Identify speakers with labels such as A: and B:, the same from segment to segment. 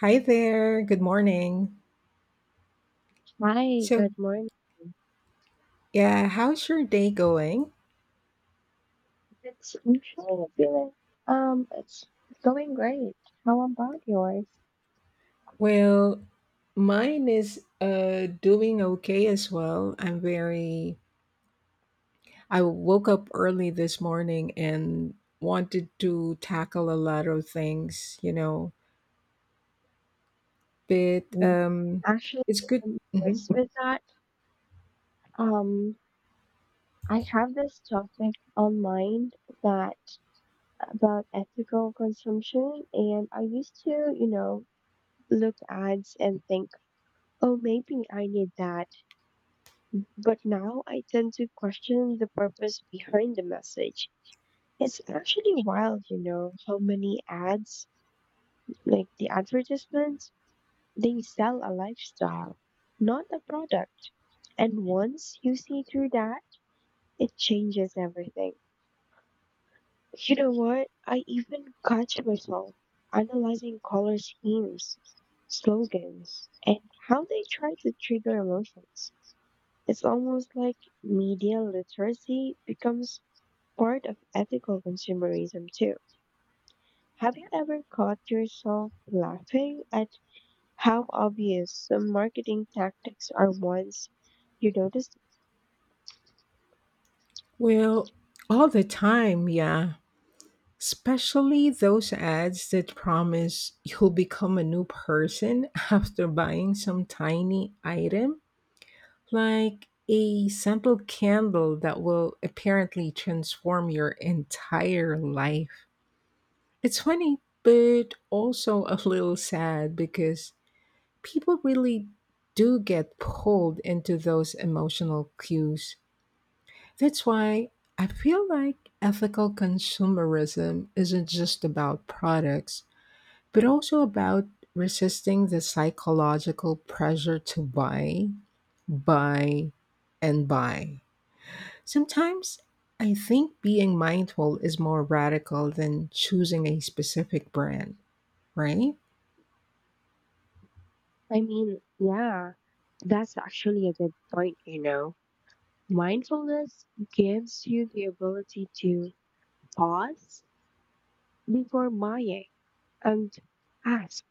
A: Hi there. Good morning.
B: Hi,
A: So,
B: good morning.
A: yeah, how's your day going?
B: It's usually feeling it's going great. How about yours?
A: Well, mine is doing okay as well. I woke up early this morning and wanted to tackle a lot of things, you know. But
B: Mm. Actually,
A: It's good.
B: in
A: Mhm.
B: regards with that, um I have this topic on mind that about ethical consumption and I used to, you know, look ads and think, oh maybe I need that. But now I tend to question the purpose behind the message. It's actually wild, you know, how many ads, like the advertisements, they sell a lifestyle, not a product. And once you see through that, it changes everything. You know what? I even catch myself analyzing color schemes, slogans, and how they try to trigger emotions. It's almost like media literacy becomes part of ethical consumerism too. Have you ever caught yourself laughing at how obvious some marketing tactics are once you notice them?
A: Well, all the time, yeah. Especially those ads that promise you'll become a new person after buying some tiny item, like a scented candle that will apparently transform your entire life. It's funny, but also a little sad because people really do get pulled into those emotional cues. That's why I feel like ethical consumerism isn't just about products, but also about resisting the psychological pressure to buy, buy, and buy. Sometimes I think being mindful is more radical than choosing a specific brand, right?
B: I mean, yeah, that's actually a good point, you know. Mindfulness gives you the ability to pause before buying and ask,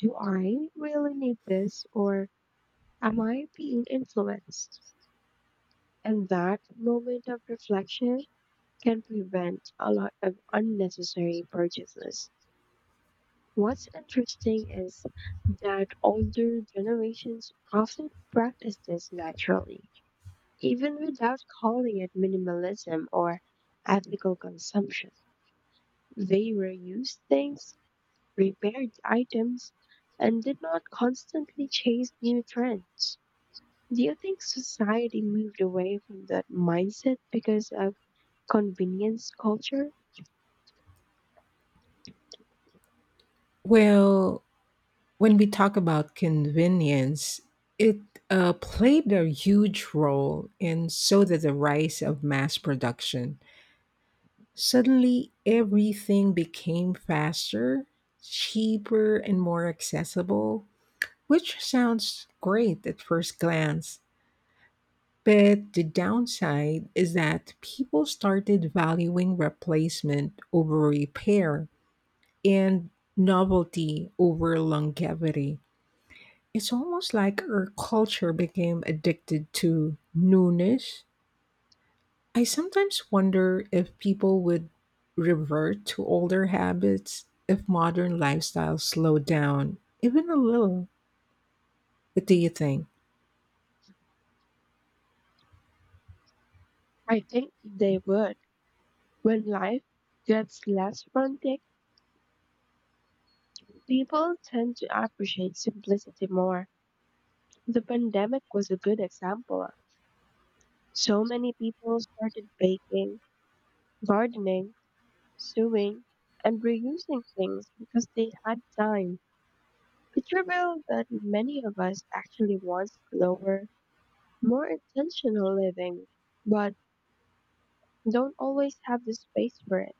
B: do I really need this or am I being influenced? And that moment of reflection can prevent a lot of unnecessary purchases. What's interesting is that older generations often practice this naturally, even without calling it minimalism or ethical consumption. They reused things, repaired items, and did not constantly chase new trends. Do you think society moved away from that mindset because of convenience culture?
A: Well, when we talk about convenience, it played a huge role in so did the rise of mass production. Suddenly, everything became faster, cheaper, and more accessible, which sounds great at first glance. But the downside is that people started valuing replacement over repair and novelty over longevity. It's almost like our culture became addicted to newness. I sometimes wonder if people would revert to older habits if modern lifestyles slowed down, even a little. What do you think?
B: I think they would. When life gets less frantic, people tend to appreciate simplicity more. The pandemic was a good example. So many people started baking, gardening, sewing, and reusing things because they had time. It revealed that many of us actually want slower, more intentional living, but don't always have the space for it.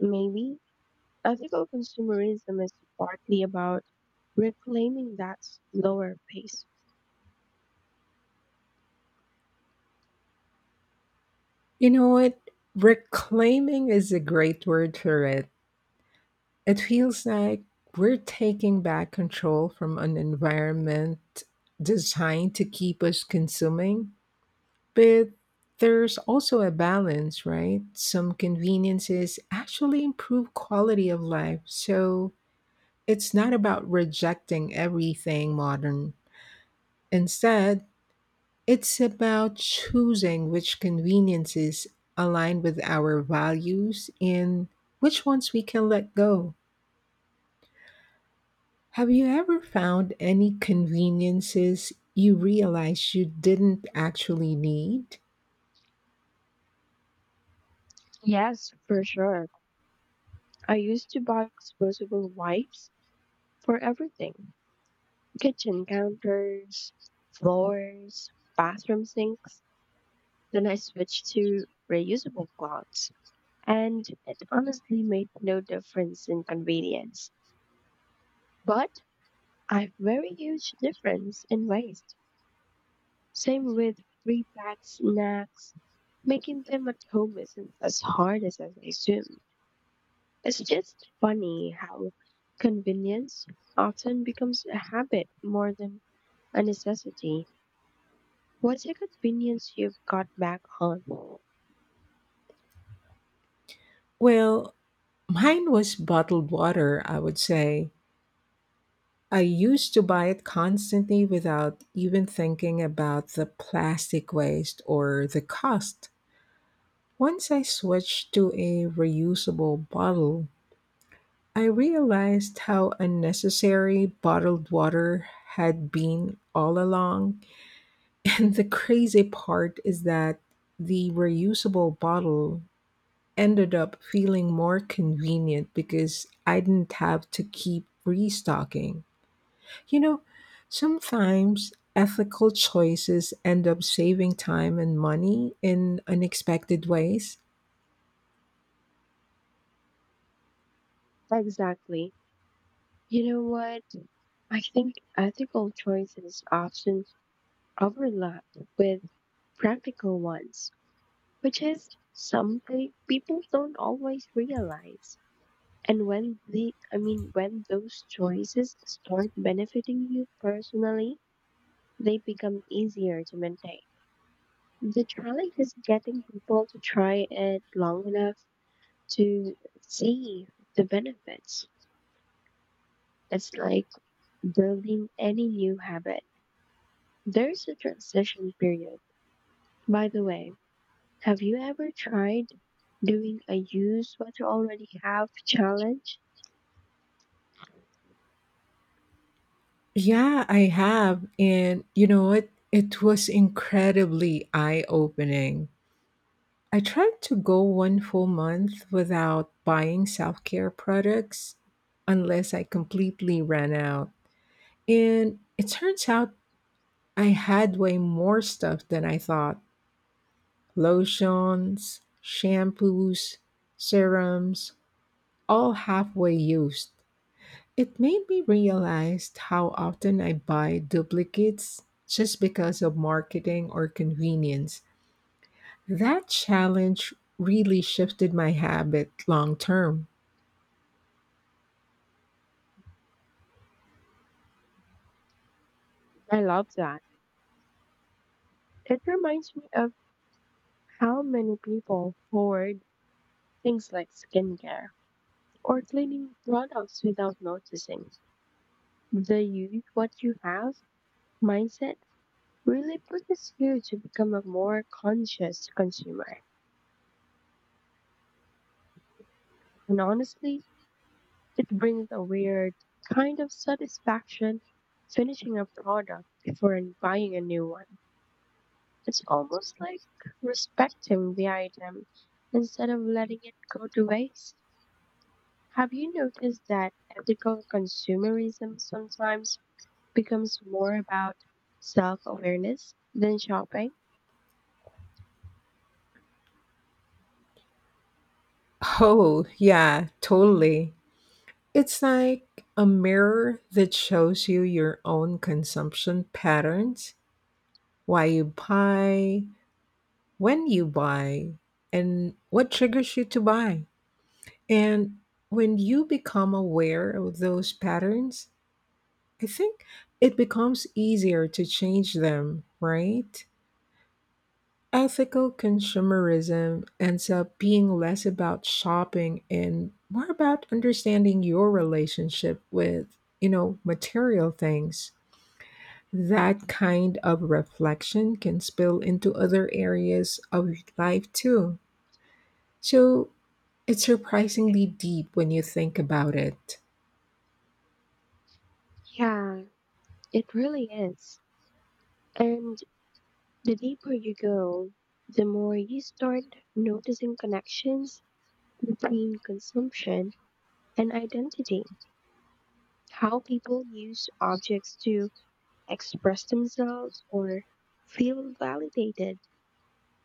B: Maybe ethical consumerism is partly about reclaiming that slower pace.
A: You know what? Reclaiming is a great word for it. It feels like we're taking back control from an environment designed to keep us consuming. But there's also a balance, right? Some conveniences actually improve quality of life. So, it's not about rejecting everything modern. Instead, it's about choosing which conveniences align with our values and which ones we can let go. Have you ever found any conveniences you realized you didn't actually need?
B: Yes, for sure. I used to buy disposable wipes for everything: kitchen counters, floors, bathroom sinks. Then I switched to reusable cloths, and it honestly made no difference in convenience. But a very huge difference in waste. Same with pre packed snacks. Making them at home isn't as hard as I assumed. It's just funny how convenience often becomes a habit more than a necessity. What's a convenience you've got back on?
A: Well, mine was bottled water, I would say. I used to buy it constantly without even thinking about the plastic waste or the cost. Once I switched to a reusable bottle, I realized how unnecessary bottled water had been all along. And the crazy part is that the reusable bottle ended up feeling more convenient because I didn't have to keep restocking. You know, sometimes ethical choices end up saving time and money in unexpected ways.
B: Exactly. You know what? I think ethical choices often overlap with practical ones, which is something people don't always realize. And when the I mean when those choices start benefiting you personally, they become easier to maintain. The challenge is getting people to try it long enough to see the benefits. It's like building any new habit. There's a transition period. By the way, have you ever tried doing a use what you already have challenge?
A: Yeah, I have. And you know what? It was incredibly eye opening. I tried to go one full month without buying self care products unless I completely ran out. And it turns out I had way more stuff than I thought. Lotions, shampoos, serums, all halfway used. It made me realize how often I buy duplicates just because of marketing or convenience. That challenge really shifted my habit long term.
B: I love that. It reminds me of how many people hoard things like skincare or cleaning products without noticing. The use what you have mindset really pushes you to become a more conscious consumer. And honestly, it brings a weird kind of satisfaction finishing a product before buying a new one. It's almost like respecting the item instead of letting it go to waste. Have you noticed that ethical consumerism sometimes becomes more about self awareness than shopping?
A: Oh, yeah, totally. It's like a mirror that shows you your own consumption patterns, why you buy, when you buy and what triggers you to buy. And when you become aware of those patterns, I think it becomes easier to change them, right? Ethical consumerism ends up being less about shopping and more about understanding your relationship with, you know, material things. That kind of reflection can spill into other areas of life too. So it's surprisingly deep when you think about it.
B: Yeah, it really is. And the deeper you go, the more you start noticing connections between consumption and identity, how people use objects to express themselves or feel validated.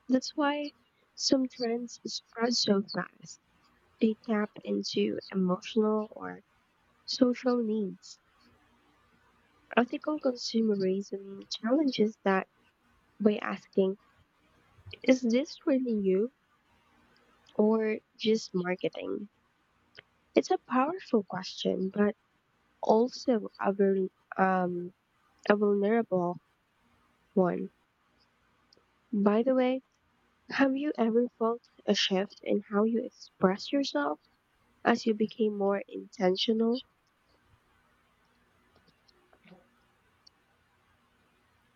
B: That's why some trends spread so fast. They tap into emotional or social needs. Ethical consumerism challenges that by asking, is this really you or just marketing? It's a powerful question, but also a, um, a vulnerable one. By the way, have you ever felt a shift in how you express yourself as you became more intentional?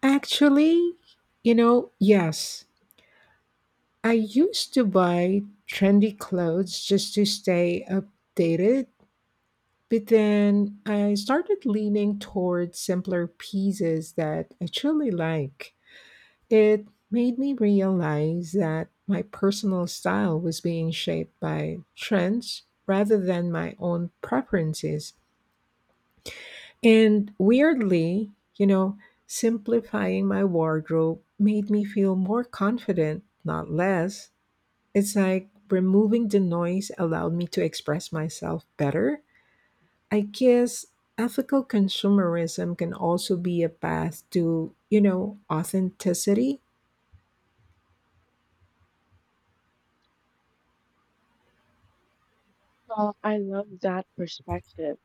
A: Actually, you know, yes, I used to buy trendy clothes just to stay updated, but then I started leaning towards simpler pieces that I truly like. It made me realize that my personal style was being shaped by trends rather than my own preferences. And weirdly, you know, simplifying my wardrobe made me feel more confident, not less. It's like removing the noise allowed me to express myself better. I guess ethical consumerism can also be a path to, you know, authenticity.
B: Well, I love that perspective.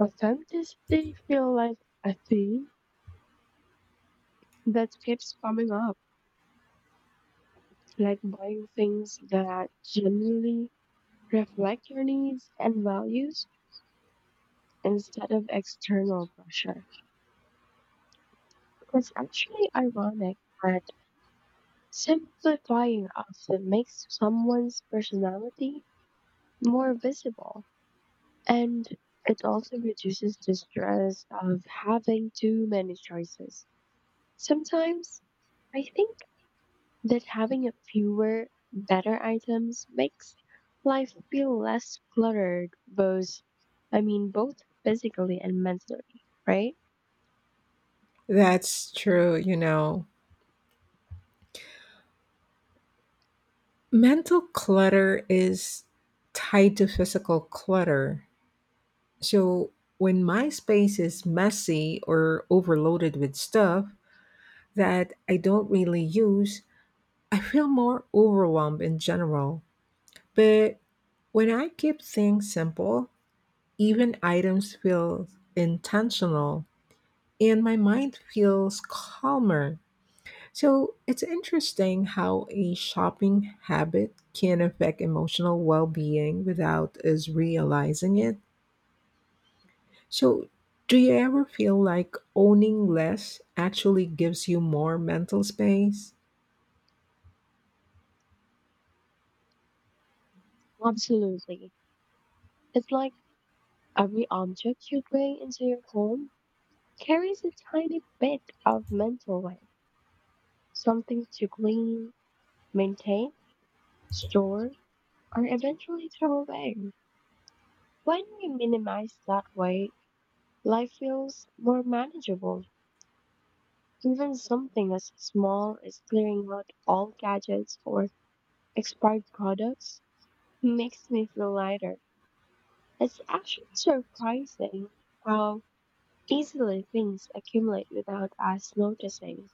B: Authenticity feel like a theme that keeps coming up, like buying things that generally reflect your needs and values instead of external pressure. It's actually ironic that simplifying often makes someone's personality more visible, and it also reduces the stress of having too many choices. Sometimes I think that having a fewer, better items makes life feel less cluttered, both physically and mentally, right?
A: That's true, you know. Mental clutter is tied to physical clutter. So when my space is messy or overloaded with stuff that I don't really use, I feel more overwhelmed in general. But when I keep things simple, even items feel intentional and my mind feels calmer. So it's interesting how a shopping habit can affect emotional well being without us realizing it. So, do you ever feel like owning less actually gives you more mental space?
B: Absolutely. It's like every object you bring into your home carries a tiny bit of mental weight, something to glean, maintain, store, or eventually throw away. When we minimize that weight, life feels more manageable. Even something as small as clearing out all gadgets or expired products makes me feel lighter. It's actually surprising how easily things accumulate without us noticing.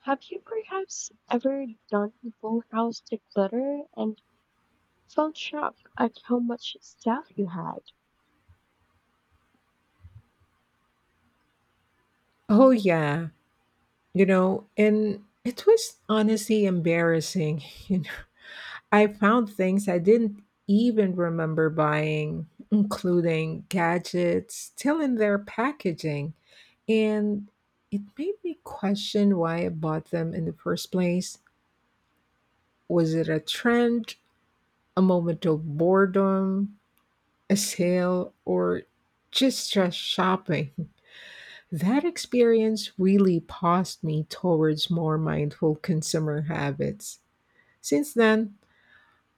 B: Have you perhaps ever done a full house declutter and felt shocked at how much stuff you had?
A: Oh, yeah. You know, and it was honestly embarrassing. You know, I found things I didn't even remember buying, including gadgets still in their packaging. And it made me question why I bought them in the first place. Was it a trend, a moment of boredom, a sale, or just shopping. That experience really pushed me towards more mindful consumer habits. Since then,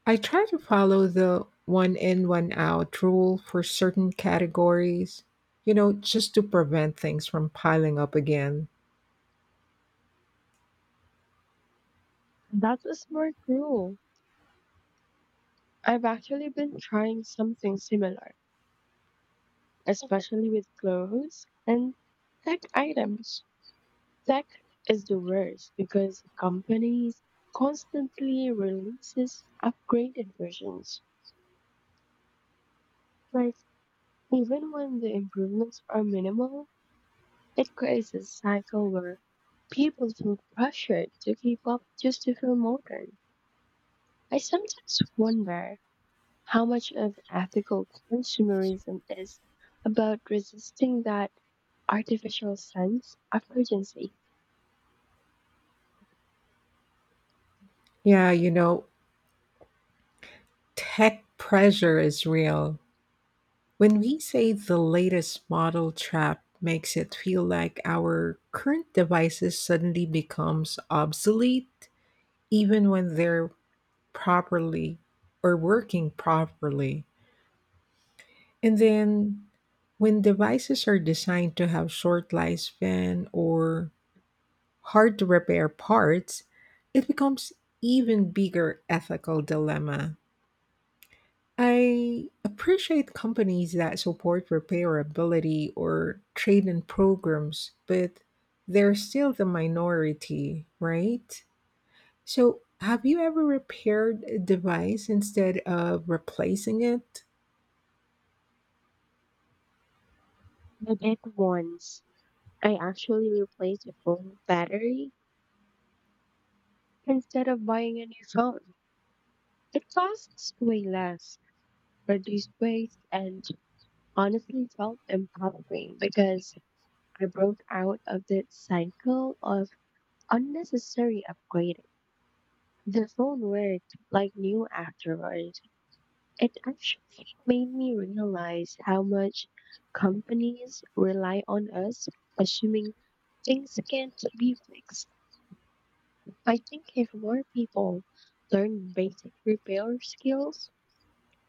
A: I try to follow the one in, one out rule for certain categories, you know, just to prevent things from piling up again.
B: That was smart rule. I've actually been trying something similar, especially with clothes and tech items. Tech is the worst because companies constantly releases upgraded versions. Like even when the improvements are minimal, it creates a cycle where people feel pressured to keep up just to feel modern. I sometimes wonder how much of ethical consumerism is about resisting that artificial sense of urgency.
A: Yeah, you know, tech pressure is real. When we say the latest model trap makes it feel like our current devices suddenly becomes obsolete even when they're properly or working properly. And then when devices are designed to have short lifespan or hard to repair parts, it becomes even bigger ethical dilemma. I appreciate companies that support repairability or trade-in programs, but they're still the minority, right? So, have you ever repaired a device instead of replacing it?
B: I did once. I actually replaced a phone battery instead of buying a new phone. It costs way less, reduced waste, and honestly felt empowering because I broke out of that cycle of unnecessary upgrading. The phone worked like new afterward. It actually made me realize how much companies rely on us, assuming things can't be fixed. I think if more people learn basic repair skills,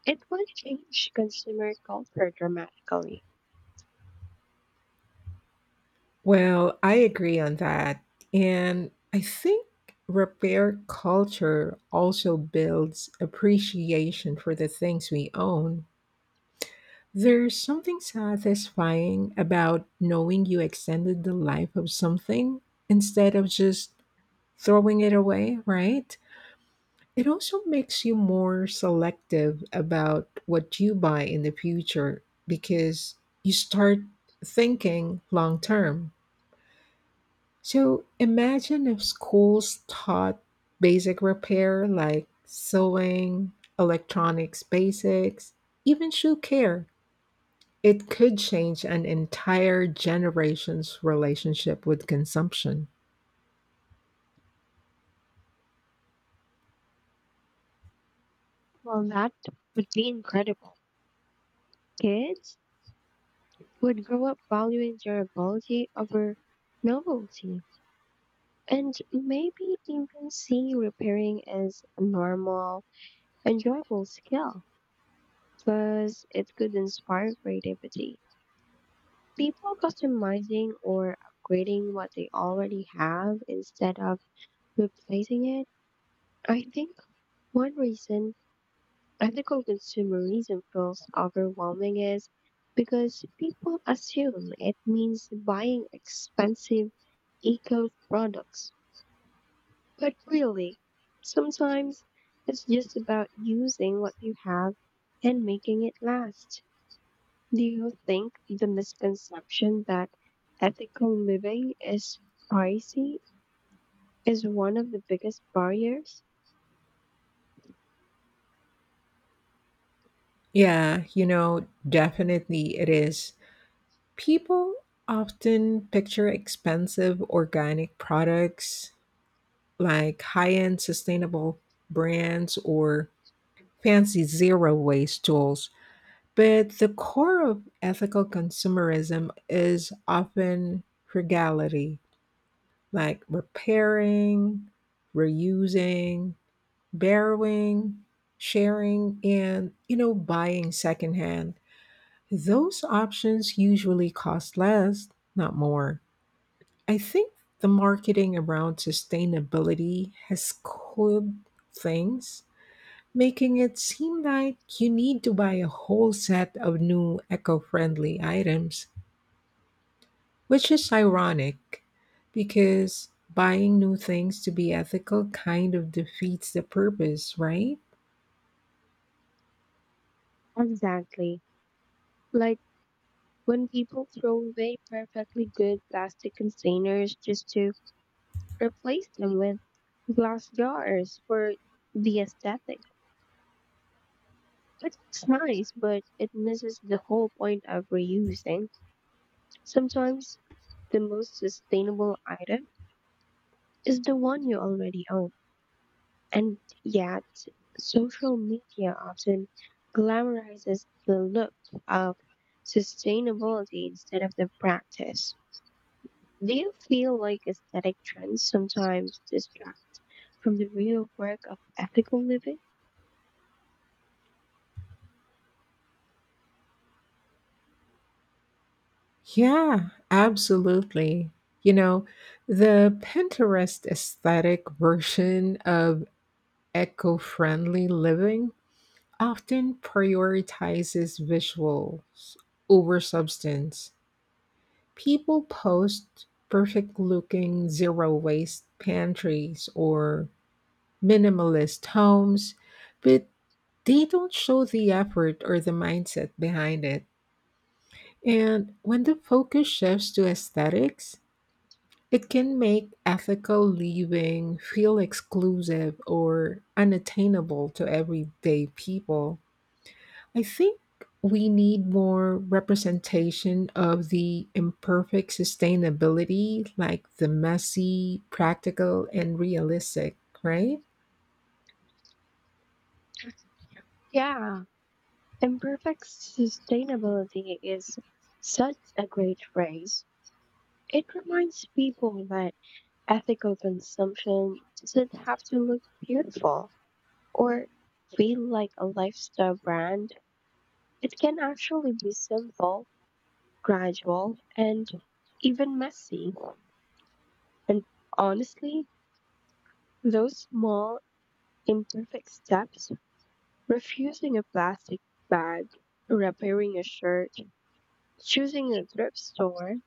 B: it would change consumer culture dramatically.
A: Well, I agree on that. And I think repair culture also builds appreciation for the things we own. There's something satisfying about knowing you extended the life of something instead of just throwing it away, right? It also makes you more selective about what you buy in the future because you start thinking long term. So imagine if schools taught basic repair like sewing, electronics basics, even shoe care. It could change an entire generation's relationship with consumption.
B: Well, that would be incredible. Kids would grow up valuing durability over novelty and maybe even see repairing as a normal, enjoyable skill. Plus, it could inspire creativity. People customizing or upgrading what they already have instead of replacing it. I think one reason ethical consumerism feels overwhelming is because people assume it means buying expensive eco products. But really, sometimes it's just about using what you have and making it last. Do you think the misconception that ethical living is pricey is one of the biggest barriers?
A: Yeah, you know, definitely it is. People often picture expensive organic products like high end sustainable brands or fancy zero waste tools. But the core of ethical consumerism is often frugality, like repairing, reusing, borrowing, sharing, and you know, buying secondhand. Those options usually cost less, not more. I think the marketing around sustainability has cooled things making it seem like you need to buy a whole set of new eco friendly items, which is ironic because buying new things to be ethical kind of defeats the purpose, right?
B: Exactly. Like when people throw away perfectly good plastic containers just to replace them with glass jars for the aesthetic, it looks nice, but it misses the whole point of reusing. Sometimes the most sustainable item is the one you already own. And yet, social media often glamorizes the look of sustainability instead of the practice. Do you feel like aesthetic trends sometimes distract from the real work of ethical living?
A: Yeah, absolutely. You know, the Pinterest aesthetic version of eco friendly living often prioritizes visuals over substance. People post perfect-looking zero-waste pantries or minimalist homes, but they don't show the effort or the mindset behind it. And when the focus shifts to aesthetics, it can make ethical living feel exclusive or unattainable to everyday people. I think we need more representation of the imperfect sustainability, like the messy, practical, and realistic, right?
B: Yeah, imperfect sustainability is such a great phrase. It reminds people that ethical consumption doesn't have to look beautiful or feel like a lifestyle brand. It can actually be simple, gradual, and even messy. And honestly, those small imperfect steps, refusing a plastic bag, repairing a shirt, choosing a thrift store,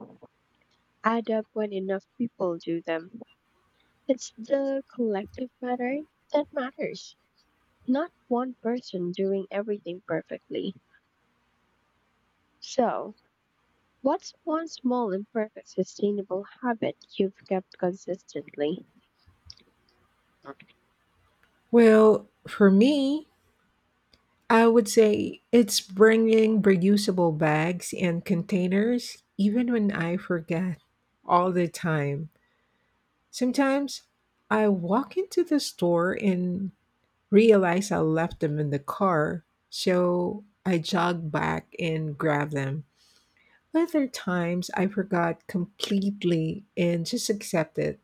B: add up when enough people do them. It's the collective pattern that matters, not one person doing everything perfectly. So, what's one small, imperfect, sustainable habit you've kept consistently?
A: Well, for me, I would say it's bringing reusable bags and containers, even when I forget all the time. Sometimes I walk into the store and realize I left them in the car, so I jogged back and grabbed them. Other times I forgot completely and just accept it.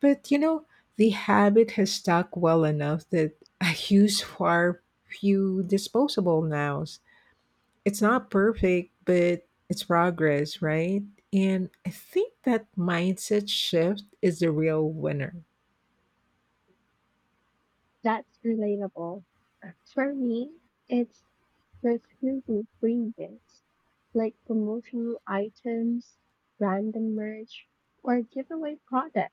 A: But you know, the habit has stuck well enough that I use far few disposable nows. It's not perfect, but it's progress, right? And I think that mindset shift is the real winner.
B: That's relatable. For me, it's there's usually free gifts, like promotional items, random merch, or giveaway products.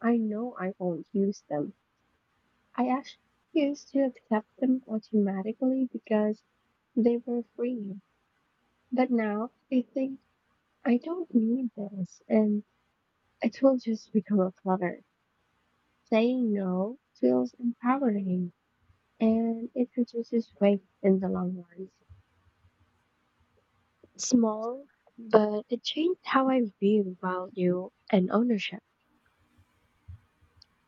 B: I know I won't use them. I actually used to accept them automatically because they were free. But now I think I don't need this and it will just become a clutter. Saying no feels empowering and it reduces waste in the long run. Small, but it changed how I view value and ownership.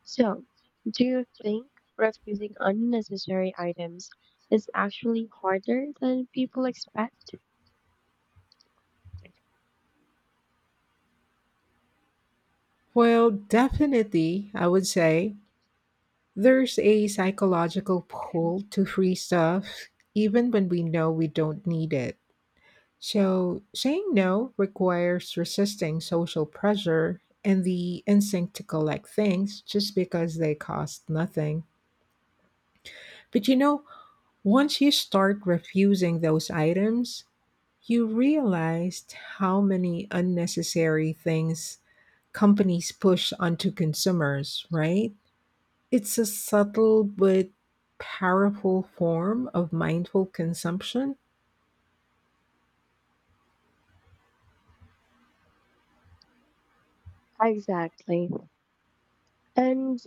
B: So, do you think refusing unnecessary items is actually harder than people expect?
A: Well, definitely, I would say there's a psychological pull to free stuff, even when we know we don't need it. So, saying no requires resisting social pressure and the instinct to collect things just because they cost nothing. But you know, once you start refusing those items, you realized how many unnecessary things companies push onto consumers, right? It's a subtle but powerful form of mindful consumption.
B: Exactly. And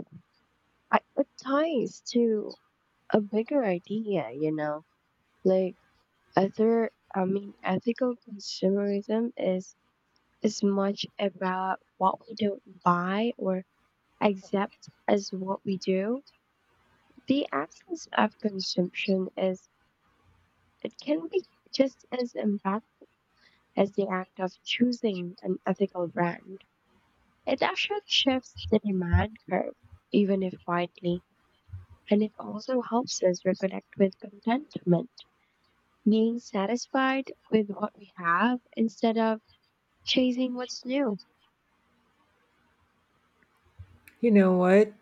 B: it ties to a bigger idea, you know, like ethical consumerism is as much about what we don't buy or accept as what we do. The absence of consumption is it can be just as impactful as the act of choosing an ethical brand. It actually shifts the demand curve, even if quietly, and it also helps us reconnect with contentment, being satisfied with what we have instead of chasing what's new.
A: You know what?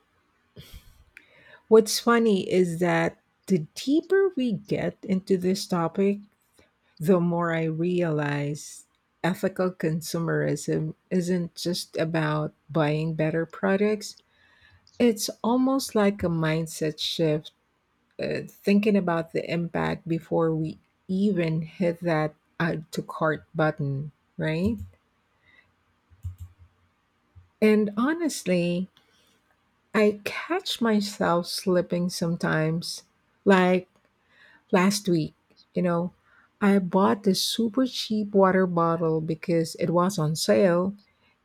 A: What's funny is that the deeper we get into this topic, the more I realize ethical consumerism isn't just about buying better products. It's almost like a mindset shift, thinking about the impact before we even hit that add to cart button, right? And honestly, I catch myself slipping sometimes. Like last week, you know, I bought this super cheap water bottle because it was on sale,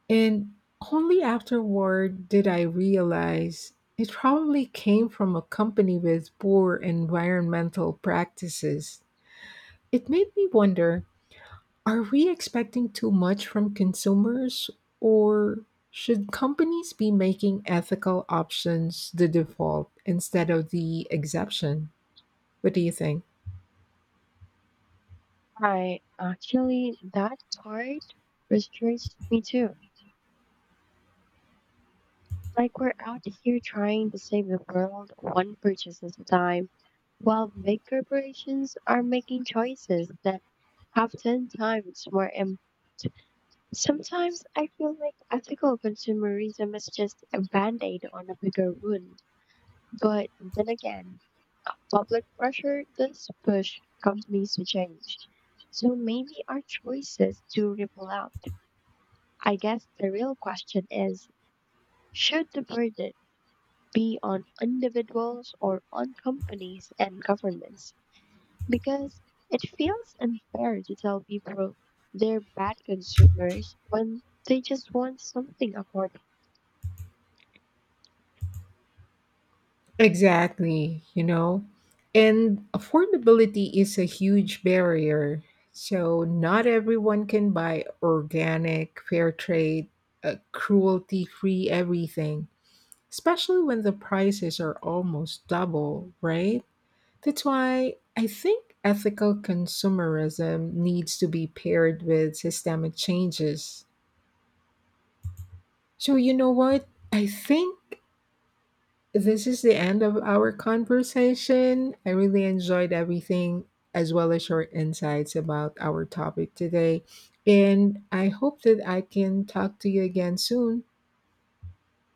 A: and only afterward did I realize it probably came from a company with poor environmental practices. It made me wonder, are we expecting too much from consumers, or should companies be making ethical options the default instead of the exception? What do you think?
B: I actually that part frustrates me too. Like we're out here trying to save the world one purchase at a time, while big corporations are making choices that have 10 times more impact. Sometimes I feel like ethical consumerism is just a band aid on a bigger wound. But then again, public pressure does push companies to change. So maybe our choices do ripple out. I guess the real question is should the burden be on individuals or on companies and governments because it feels unfair to tell people they're bad consumers when they just want something affordable.
A: Exactly, you know? And affordability is a huge barrier. So, not everyone can buy organic, fair trade, cruelty free everything, especially when the prices are almost double, right? That's why I think ethical consumerism needs to be paired with systemic changes. So, you know what? I think this is the end of our conversation. I really enjoyed everything, as well as your insights about our topic today. And I hope that I can talk to you again soon.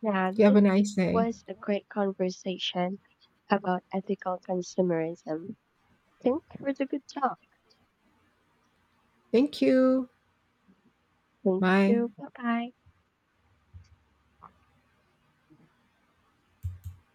B: Yeah,
A: You have
B: this
A: a nice day.
B: was a great conversation about ethical consumerism. Thanks for the good talk.
A: Thank you.
B: Thank
A: Bye.
B: you. Bye bye.